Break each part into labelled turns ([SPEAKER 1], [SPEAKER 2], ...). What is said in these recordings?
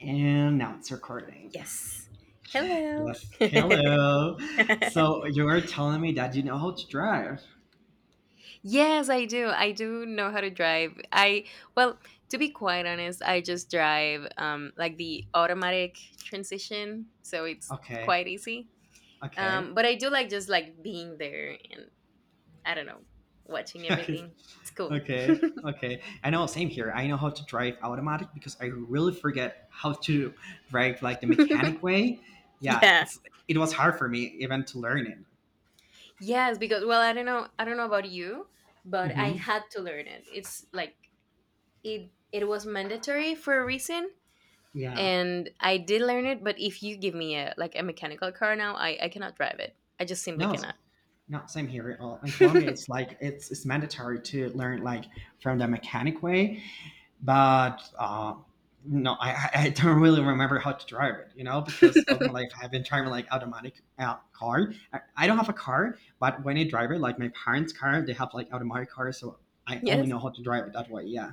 [SPEAKER 1] And now it's recording.
[SPEAKER 2] Yes. Hello.
[SPEAKER 1] Yes. Hello. So you were telling me that you know how to drive.
[SPEAKER 2] Yes, I do. I do know how to drive. I well, to be quite honest, I just drive like the automatic transition, so it's
[SPEAKER 1] Okay.
[SPEAKER 2] quite easy.
[SPEAKER 1] Okay.
[SPEAKER 2] But I do like just like being there and I don't know, watching
[SPEAKER 1] Okay.
[SPEAKER 2] everything. It's cool.
[SPEAKER 1] Okay. Okay. I know. Same here. I know how to drive automatic because I really forget how to drive like the mechanic way. Yeah.
[SPEAKER 2] yeah.
[SPEAKER 1] It was hard for me even to learn it.
[SPEAKER 2] Yes, because well, I don't know about you, but I
[SPEAKER 1] Hmm.
[SPEAKER 2] had to learn it. It's like it was mandatory for a reason
[SPEAKER 1] Yeah.
[SPEAKER 2] and I did learn it. But if you give me a like a mechanical car now, I cannot drive it. I just simply
[SPEAKER 1] No.
[SPEAKER 2] cannot.
[SPEAKER 1] No. Same here. In Colombia, it's mandatory to learn like from the mechanic way, but no, I don't really remember how to drive it, you know, because all my life I've been driving like automatic car. I don't have a car, but when I drive it, like my parents' car, they have like automatic cars, so I only
[SPEAKER 2] yes,
[SPEAKER 1] know how to drive it that way. Yeah.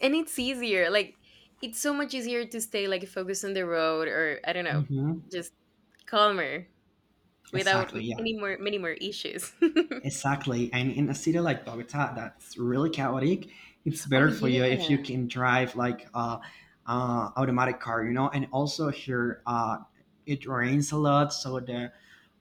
[SPEAKER 2] and it's easier. Like it's so much easier to stay like focused on the road, or I don't know,
[SPEAKER 1] Hmm.
[SPEAKER 2] just calmer without
[SPEAKER 1] Exactly. Yeah.
[SPEAKER 2] any more many more issues.
[SPEAKER 1] Exactly. And in a city like Bogota, that's really chaotic. It's
[SPEAKER 2] oh
[SPEAKER 1] better for
[SPEAKER 2] yeah.
[SPEAKER 1] you if you can drive like automatic car, you know. And also here, it rains a lot, so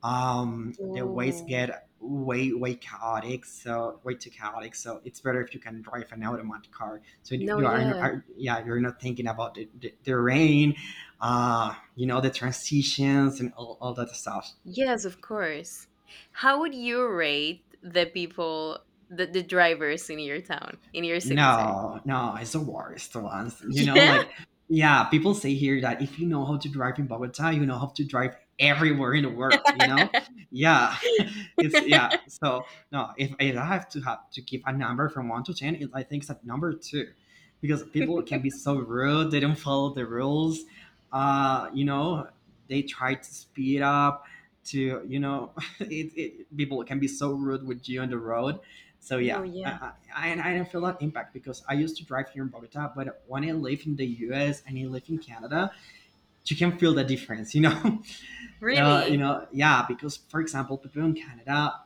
[SPEAKER 1] the ways
[SPEAKER 2] Oh
[SPEAKER 1] get way chaotic. So way too chaotic. So it's better if you can drive an automatic car. So you
[SPEAKER 2] no,
[SPEAKER 1] you are, no-
[SPEAKER 2] yeah.
[SPEAKER 1] are yeah, you're not thinking about the rain, you know, the transitions and all that stuff.
[SPEAKER 2] Yes, of course. How would you rate the people, the drivers in your town, in your city, sorry?
[SPEAKER 1] No, no, it's the worst ones. You know,
[SPEAKER 2] Yeah.
[SPEAKER 1] like, yeah, people say here that if you know how to drive in Bogota, you know how to drive everywhere in the world, you know? Yeah, it's, yeah. So, no, if I have to give a number from one to 10, it, I think it's at number two because people can be so rude. They don't follow the rules. You know, they try to speed up to, you know, people can be so rude with you on the road. So, yeah,
[SPEAKER 2] no, yeah.
[SPEAKER 1] and I don't feel that impact because I used to drive here in Bogota, but when I live in the US and I live in Canada, you can feel the difference, you know? You
[SPEAKER 2] Really?
[SPEAKER 1] know, yeah, because for example, people in Canada,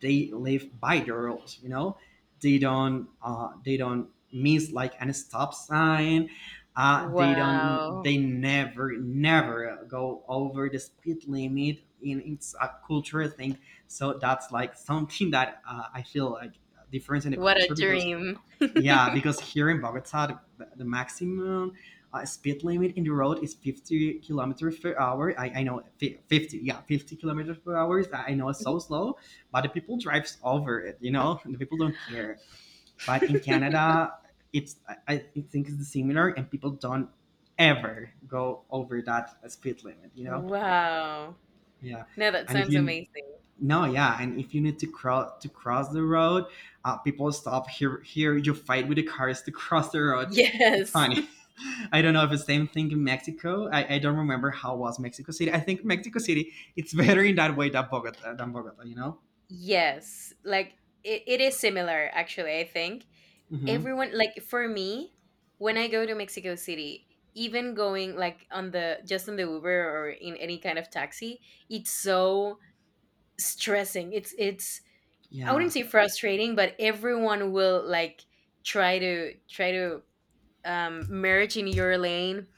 [SPEAKER 1] they live by the rules, you know? They don't miss like any stop sign.
[SPEAKER 2] Wow.
[SPEAKER 1] They never go over the speed limit. It's a cultural thing. So that's like something that I feel like difference in the
[SPEAKER 2] What a
[SPEAKER 1] culture because
[SPEAKER 2] dream.
[SPEAKER 1] yeah, because here in Bogota, the maximum speed limit in the road is 50 kilometers per hour. I know 50, yeah, 50 kilometers per hour. I know it's so slow, but the people drives over it, you know, the people don't care. But in Canada, it's I, I think it's similar, and people don't ever go over that speed limit, you know.
[SPEAKER 2] Wow.
[SPEAKER 1] Yeah,
[SPEAKER 2] No, that
[SPEAKER 1] and if
[SPEAKER 2] sounds
[SPEAKER 1] you
[SPEAKER 2] amazing.
[SPEAKER 1] No, yeah, and if you need to cross the road, people stop here. Here, you fight with the cars to cross the road. It's
[SPEAKER 2] Yes.
[SPEAKER 1] funny. I don't know if it's the same thing in Mexico. I don't remember how was Mexico City. I think Mexico City it's better in that way than Bogota. Than Bogota, you know.
[SPEAKER 2] Yes. Like it is similar actually, I think.
[SPEAKER 1] Mm-hmm.
[SPEAKER 2] Everyone like for me, when I go to Mexico City, even going like on the just on the Uber or in any kind of taxi, it's so stressing. It's I
[SPEAKER 1] Yeah.
[SPEAKER 2] wouldn't say frustrating, but everyone will like try to merge in your lane,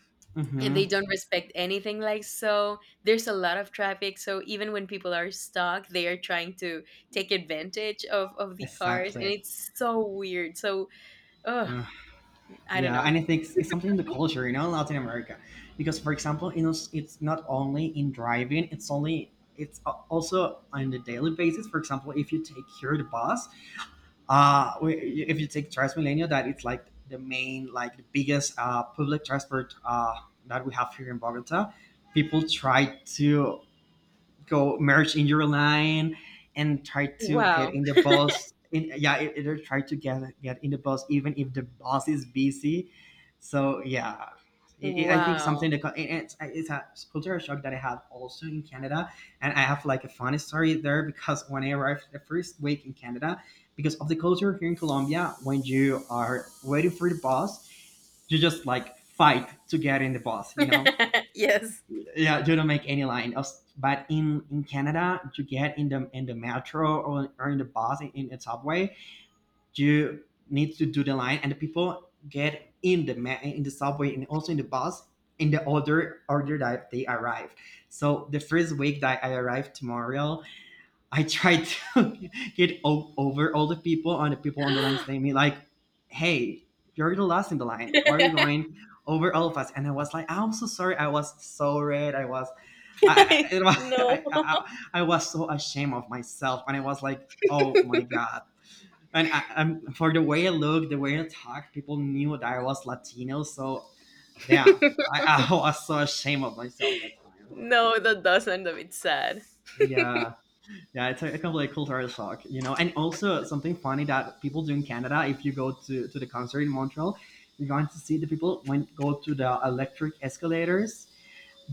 [SPEAKER 2] and
[SPEAKER 1] Mm-hmm.
[SPEAKER 2] they don't respect anything like so there's a lot of traffic, so even when people are stuck they are trying to take advantage of the cars, and
[SPEAKER 1] Exactly.
[SPEAKER 2] it's so weird. So oh,
[SPEAKER 1] Mm-hmm.
[SPEAKER 2] I don't
[SPEAKER 1] Yeah,
[SPEAKER 2] know.
[SPEAKER 1] and I think it's something in the culture, you know, in Latin America, because for example, you know, it's not only in driving; it's also on the daily basis. For example, if you take here the bus, if you take Transmilenio, that it's like the main, like the biggest public transport that we have here in Bogota. People try to go merge in your line and try to get
[SPEAKER 2] Wow.
[SPEAKER 1] in the boss. Yeah, it'll try to get in the boss even if the boss is busy. So yeah, I think
[SPEAKER 2] Wow.
[SPEAKER 1] something that it's a cultural shock that I had also in Canada, and I have like a funny story there because when I arrived the first week in Canada, because of the culture here in Colombia, when you are waiting for the bus, you just like fight to get in the bus, you know,
[SPEAKER 2] yes.
[SPEAKER 1] yeah, you don't make any line. But in Canada, you get in the metro, or in the bus in the subway, you need to do the line, and the people get in the in the subway and also in the bus in the order that they arrive. So the first week that I arrived to Montreal, I tried to get over all the people, and the people on the line saying me like, "Hey, you're the last in the line. Why are you going?" over all of us, and I was like, I'm so sorry. I was so red. I was I- It was,
[SPEAKER 2] no.
[SPEAKER 1] I was so ashamed of myself, and I was like, oh my god. And for the way I looked, the way I talked, people knew that I was Latino. So, yeah, I was so ashamed of myself that time.
[SPEAKER 2] no, that doesn't a bit sad.
[SPEAKER 1] Yeah, yeah, it's a complete cultural shock, you know. And also something funny that people do in Canada, if you go to the concert in Montreal, you're going to see the people when go to the electric escalators.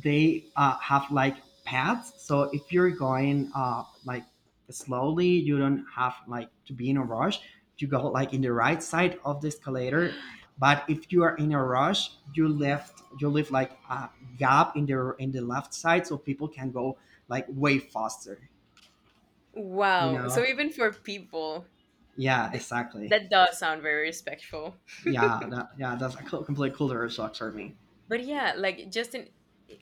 [SPEAKER 1] They have like paths. So if you're going like slowly, you don't have like to be in a rush. You go like in the right side of the escalator. But if you are in a rush, you left you leave like a gap in the left side, so people can go like way faster. You
[SPEAKER 2] Wow,
[SPEAKER 1] know?
[SPEAKER 2] so even for people
[SPEAKER 1] Yeah,
[SPEAKER 2] th-
[SPEAKER 1] exactly.
[SPEAKER 2] that does sound very respectful.
[SPEAKER 1] Yeah, that, yeah, that's a co- complete culture shock for me.
[SPEAKER 2] But yeah, like just in,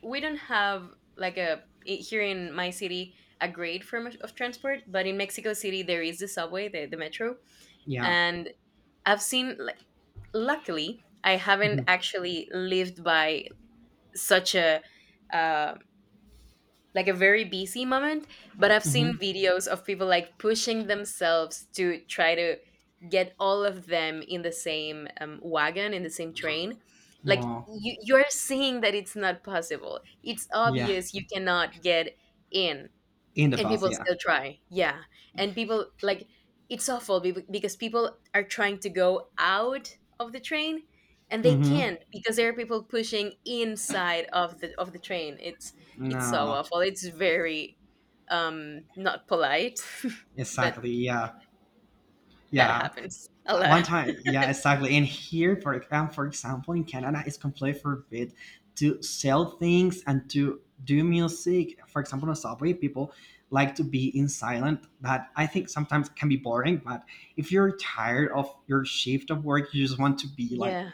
[SPEAKER 2] we don't have like a here in my city a great form of transport, but in Mexico City there is the subway, the metro.
[SPEAKER 1] Yeah.
[SPEAKER 2] And I've seen like, luckily I haven't
[SPEAKER 1] Mm-hmm.
[SPEAKER 2] actually lived by such a uh, like a very busy moment, but I've seen
[SPEAKER 1] Mm-hmm.
[SPEAKER 2] videos of people like pushing themselves to try to get all of them in the same wagon, in the same train. Like
[SPEAKER 1] Well,
[SPEAKER 2] you're seeing that it's not possible, it's
[SPEAKER 1] yeah,
[SPEAKER 2] obvious you cannot get in.
[SPEAKER 1] in the
[SPEAKER 2] And
[SPEAKER 1] past,
[SPEAKER 2] people
[SPEAKER 1] yeah.
[SPEAKER 2] still try, yeah. And people like, it's awful because people are trying to go out of the train and they
[SPEAKER 1] Mm-hmm.
[SPEAKER 2] can't because there are people pushing inside of the train. It's so
[SPEAKER 1] No.
[SPEAKER 2] awful. It's very not polite. But
[SPEAKER 1] Exactly. Yeah.
[SPEAKER 2] that
[SPEAKER 1] Yeah.
[SPEAKER 2] happens a lot.
[SPEAKER 1] One time. Yeah. Exactly. And here, for example, in Canada, it's completely forbid to sell things and to do music. For example, on subway, people like to be in silent. That I think sometimes can be boring. But if you're tired of your shift of work, you just want to be like
[SPEAKER 2] Yeah.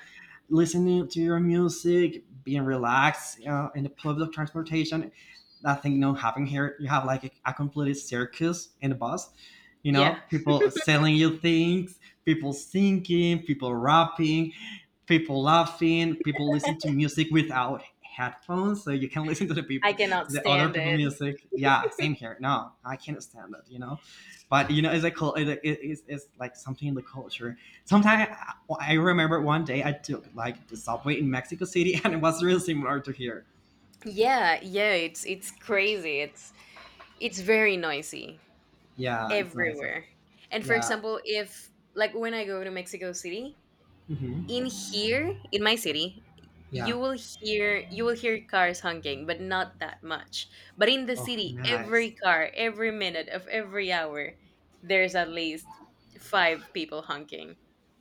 [SPEAKER 1] listening to your music, being relaxed in the public transportation. That thing, you know, happening here, you have like a completed circus in the bus. You
[SPEAKER 2] Yeah,
[SPEAKER 1] know, people selling you things, people singing, people rapping, people laughing, people listening to music without headphones, so you can listen to the
[SPEAKER 2] I
[SPEAKER 1] people,
[SPEAKER 2] cannot
[SPEAKER 1] to the other
[SPEAKER 2] stand
[SPEAKER 1] people
[SPEAKER 2] it.
[SPEAKER 1] music. Yeah, same here. No, I can't stand it. You know, but you know, it's like it's like something in the culture. Sometimes I remember one day I took like the subway in Mexico City, and it was really similar to here.
[SPEAKER 2] Yeah. Yeah, it's crazy. It's very noisy
[SPEAKER 1] Yeah, it's nice.
[SPEAKER 2] everywhere. And for
[SPEAKER 1] Yeah.
[SPEAKER 2] example, if like when I go to Mexico City,
[SPEAKER 1] Hmm.
[SPEAKER 2] in here, in my city,
[SPEAKER 1] Yeah.
[SPEAKER 2] you will hear cars honking, but not that much. But in the
[SPEAKER 1] Oh,
[SPEAKER 2] city,
[SPEAKER 1] nice.
[SPEAKER 2] every car, every minute of every hour, there's at least five people honking.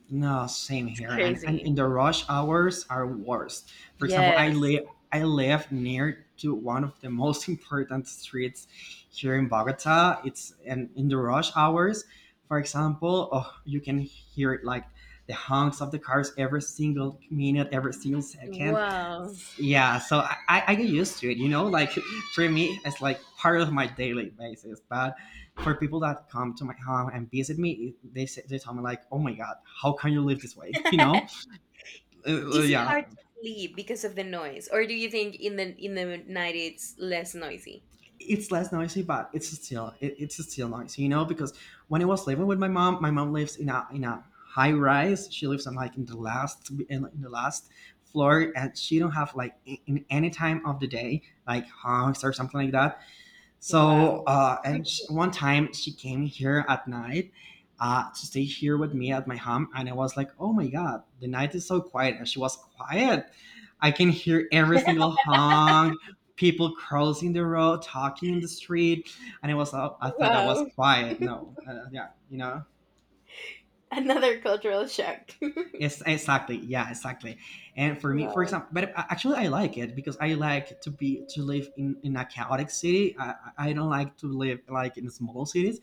[SPEAKER 1] No, same
[SPEAKER 2] It's
[SPEAKER 1] here. And in
[SPEAKER 2] crazy.
[SPEAKER 1] the rush hours are worst. For example,
[SPEAKER 2] Yes.
[SPEAKER 1] I live near to one of the most important streets here in Bogota. It's and In the rush hours, for example, oh, you can hear like the honks of the cars every single minute, every single second.
[SPEAKER 2] Wow.
[SPEAKER 1] Yeah, so I get used to it, you know, like for me it's like part of my daily basis. But for people that come to my home and visit me, they say, they tell me like, "Oh my god, how can you live this
[SPEAKER 2] Is
[SPEAKER 1] way?" You know,
[SPEAKER 2] it
[SPEAKER 1] yeah,
[SPEAKER 2] hard to sleep because of the noise, or do you think in the night it's less noisy?
[SPEAKER 1] it's less noisy, but it's still noisy, you know, because when I was living with my mom lives in a high rise. She lives on like in the last in the last floor, and she don't have like in any time of the day like hogs or something like that.
[SPEAKER 2] Wow.
[SPEAKER 1] So, and sh one time she came here at night to stay here with me at my home, and I was like, oh my god, the night is so quiet. And she was quiet. I can hear every single honk, people crossing the road, talking in the street, and it was, oh, I thought I was
[SPEAKER 2] Wow.
[SPEAKER 1] quiet. No, yeah, you know.
[SPEAKER 2] Another cultural shock.
[SPEAKER 1] Yes, exactly. Yeah, exactly. And for me, for
[SPEAKER 2] Wow.
[SPEAKER 1] example, but actually, I like it because I like to be to live in a chaotic city. I don't like to live like in small cities.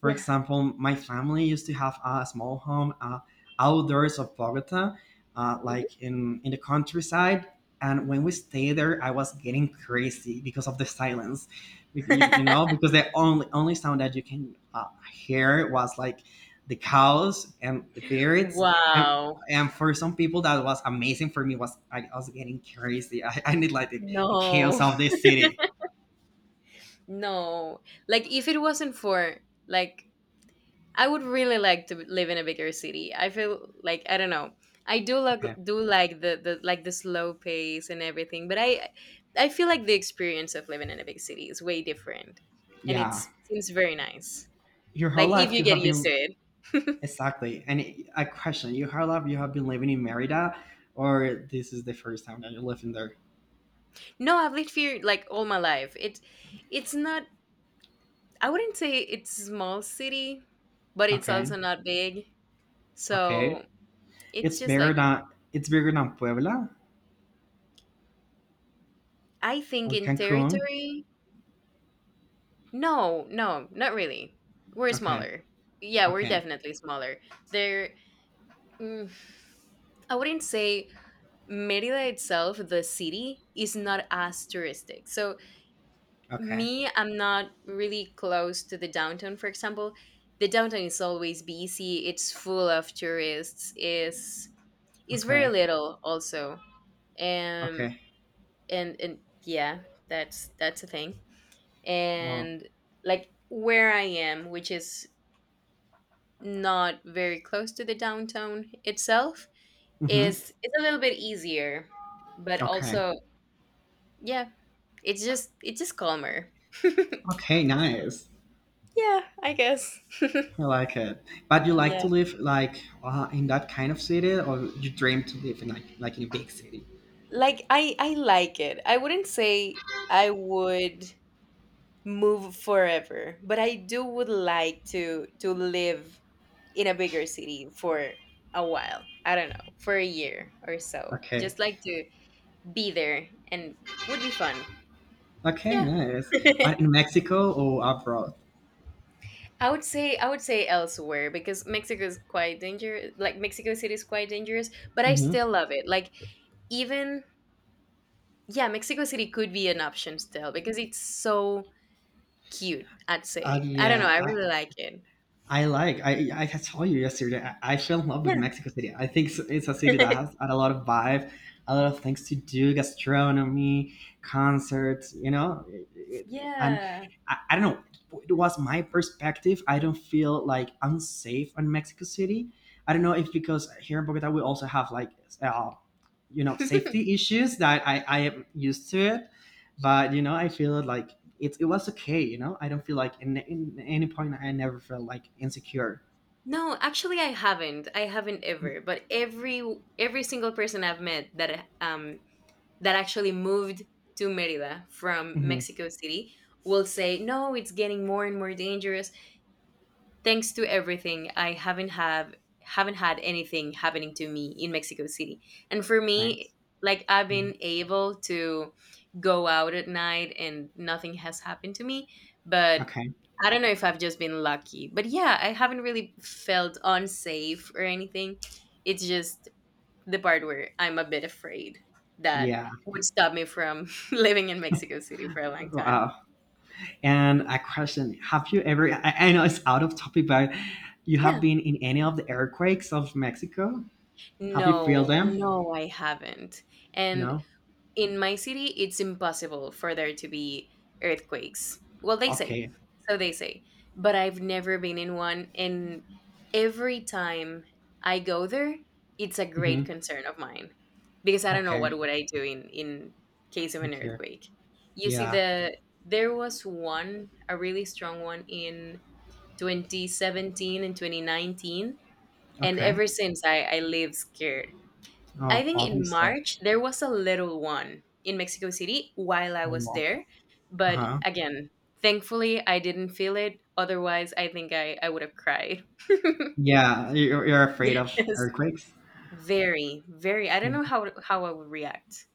[SPEAKER 1] For
[SPEAKER 2] Yeah.
[SPEAKER 1] example, my family used to have a small home outdoors of Bogota, like in the countryside. And when we stayed there, I was getting crazy because of the silence, you know, because the only sound that you can hear was like the cows and the birds. And
[SPEAKER 2] wow.
[SPEAKER 1] and for some people, that was amazing. For me, was I was getting crazy. I need like the chaos
[SPEAKER 2] No.
[SPEAKER 1] of the city.
[SPEAKER 2] No. Like if it wasn't for, like, I would really like to live in a bigger city. I feel like I don't know. I
[SPEAKER 1] Okay,
[SPEAKER 2] do like the like the slow pace and everything, but I feel like the experience of living in a big city is way different. And
[SPEAKER 1] yeah.
[SPEAKER 2] it's seems very nice.
[SPEAKER 1] Your whole
[SPEAKER 2] Like if
[SPEAKER 1] life,
[SPEAKER 2] you
[SPEAKER 1] you
[SPEAKER 2] get
[SPEAKER 1] have
[SPEAKER 2] used to
[SPEAKER 1] been
[SPEAKER 2] it.
[SPEAKER 1] exactly. And a question, you Harlov, you have been living in Merida or this is the first time that you're living there?
[SPEAKER 2] no, I've lived here like all my life. It it's not I wouldn't say it's small city, but it's
[SPEAKER 1] Okay.
[SPEAKER 2] also not big.
[SPEAKER 1] Okay.
[SPEAKER 2] So it's
[SPEAKER 1] It's
[SPEAKER 2] just
[SPEAKER 1] bigger
[SPEAKER 2] like,
[SPEAKER 1] than it's bigger than Puebla
[SPEAKER 2] I think
[SPEAKER 1] or
[SPEAKER 2] in
[SPEAKER 1] Cancun.
[SPEAKER 2] territory. No, no, not really. We're
[SPEAKER 1] Okay.
[SPEAKER 2] smaller. Yeah, we're
[SPEAKER 1] Okay.
[SPEAKER 2] definitely smaller. There, mm, I wouldn't say Merida itself, the city, is not as touristic. So
[SPEAKER 1] Okay.
[SPEAKER 2] me, I'm not really close to the downtown. For example, the downtown is always busy. It's full of tourists. Is very
[SPEAKER 1] Okay.
[SPEAKER 2] little also, um
[SPEAKER 1] Okay.
[SPEAKER 2] and yeah, that's a thing.
[SPEAKER 1] Wow.
[SPEAKER 2] And like where I am, which is not very close to the downtown itself,
[SPEAKER 1] Mm-hmm.
[SPEAKER 2] is, it's a little bit easier, but
[SPEAKER 1] Okay.
[SPEAKER 2] also yeah, it's just calmer.
[SPEAKER 1] Okay, nice.
[SPEAKER 2] Yeah, I guess.
[SPEAKER 1] I like it. But you like
[SPEAKER 2] yeah,
[SPEAKER 1] to live like in that kind of city or you dream to live in like in a big city?
[SPEAKER 2] like I like it. I wouldn't say I would move forever, but I do would like to live in a bigger city for a while. I don't know, for a year or so,
[SPEAKER 1] Okay.
[SPEAKER 2] just like to be there, and would be fun.
[SPEAKER 1] Okay,
[SPEAKER 2] Yeah.
[SPEAKER 1] nice. But in Mexico or abroad?
[SPEAKER 2] I would say elsewhere because Mexico is quite dangerous, like Mexico City is quite dangerous, but I
[SPEAKER 1] Mm-hmm.
[SPEAKER 2] still love it. Like even yeah, Mexico City could be an option still because it's so cute, I'd say. I don't know,
[SPEAKER 1] Yeah,
[SPEAKER 2] I really like it.
[SPEAKER 1] I like. I told you yesterday. I fell in love with Mexico City. I think it's a city that
[SPEAKER 2] Yeah.
[SPEAKER 1] has had a lot of vibe, a lot of things to do, gastronomy, concerts. You know, and
[SPEAKER 2] yeah.
[SPEAKER 1] I don't know. It was my perspective. I don't feel like unsafe on Mexico City. I don't know if because here in Bogota we also have like, uh, you know, safety issues that I am used to it, but you know I feel like it was okay, you know. I don't feel like in any point I never felt like insecure.
[SPEAKER 2] No, actually, I haven't. I haven't ever. But every single person I've met that that actually moved to Merida from
[SPEAKER 1] Hmm.
[SPEAKER 2] Mexico City will say, "No, it's getting more and more dangerous. Thanks to everything, I haven't have haven't had anything happening to me in Mexico City. And for
[SPEAKER 1] Thanks.
[SPEAKER 2] me, like I've
[SPEAKER 1] Mhm.
[SPEAKER 2] been able to go out at night and nothing has happened to me, but
[SPEAKER 1] Okay.
[SPEAKER 2] I don't know if I've just been lucky. But yeah, I haven't really felt unsafe or anything. It's just the part where I'm a bit afraid that
[SPEAKER 1] Yeah.
[SPEAKER 2] would stop me from living in Mexico City for a long time.
[SPEAKER 1] Wow. And a question, have you ever, I know it's out of topic, but you have
[SPEAKER 2] Yeah.
[SPEAKER 1] been in any of the earthquakes of Mexico? Have you feel
[SPEAKER 2] No,
[SPEAKER 1] them?
[SPEAKER 2] no, I haven't. And
[SPEAKER 1] No.
[SPEAKER 2] in my city it's impossible for there to be earthquakes, well they say.
[SPEAKER 1] Okay.
[SPEAKER 2] So they say, but I've never been in one, and every time I go there it's a great
[SPEAKER 1] Hmm.
[SPEAKER 2] concern of mine because I don't know
[SPEAKER 1] Okay.
[SPEAKER 2] what would I do in case of an
[SPEAKER 1] Okay.
[SPEAKER 2] earthquake. You see,
[SPEAKER 1] Yeah.
[SPEAKER 2] there was one, a really strong one, in 2017 and 2019, and
[SPEAKER 1] Okay.
[SPEAKER 2] ever since I live scared. I
[SPEAKER 1] Oh,
[SPEAKER 2] think in
[SPEAKER 1] obviously.
[SPEAKER 2] March there was a little one in Mexico City while I
[SPEAKER 1] Oh,
[SPEAKER 2] was
[SPEAKER 1] well.
[SPEAKER 2] there, but
[SPEAKER 1] Uh-huh.
[SPEAKER 2] again, thankfully I didn't feel it. Otherwise, I think I would have cried.
[SPEAKER 1] Yeah, you're afraid of
[SPEAKER 2] Yes.
[SPEAKER 1] earthquakes.
[SPEAKER 2] Very, very. I don't know how I would react.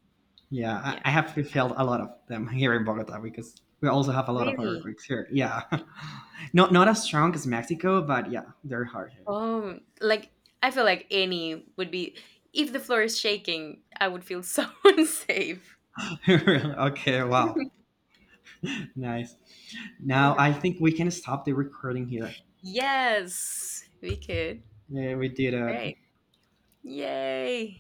[SPEAKER 1] Yeah,
[SPEAKER 2] Yeah.
[SPEAKER 1] I have felt a lot of them here in Bogota because we also have a lot of
[SPEAKER 2] Really?
[SPEAKER 1] earthquakes here. Yeah, not not as strong as Mexico, but yeah, they're hard
[SPEAKER 2] Like I feel like any would be, if the floor is shaking, I would feel so unsafe.
[SPEAKER 1] here. okay, wow, nice. Now
[SPEAKER 2] yeah.
[SPEAKER 1] I think we can stop the recording here.
[SPEAKER 2] Yes, we could.
[SPEAKER 1] Yeah, we did
[SPEAKER 2] All
[SPEAKER 1] a
[SPEAKER 2] right. Yay.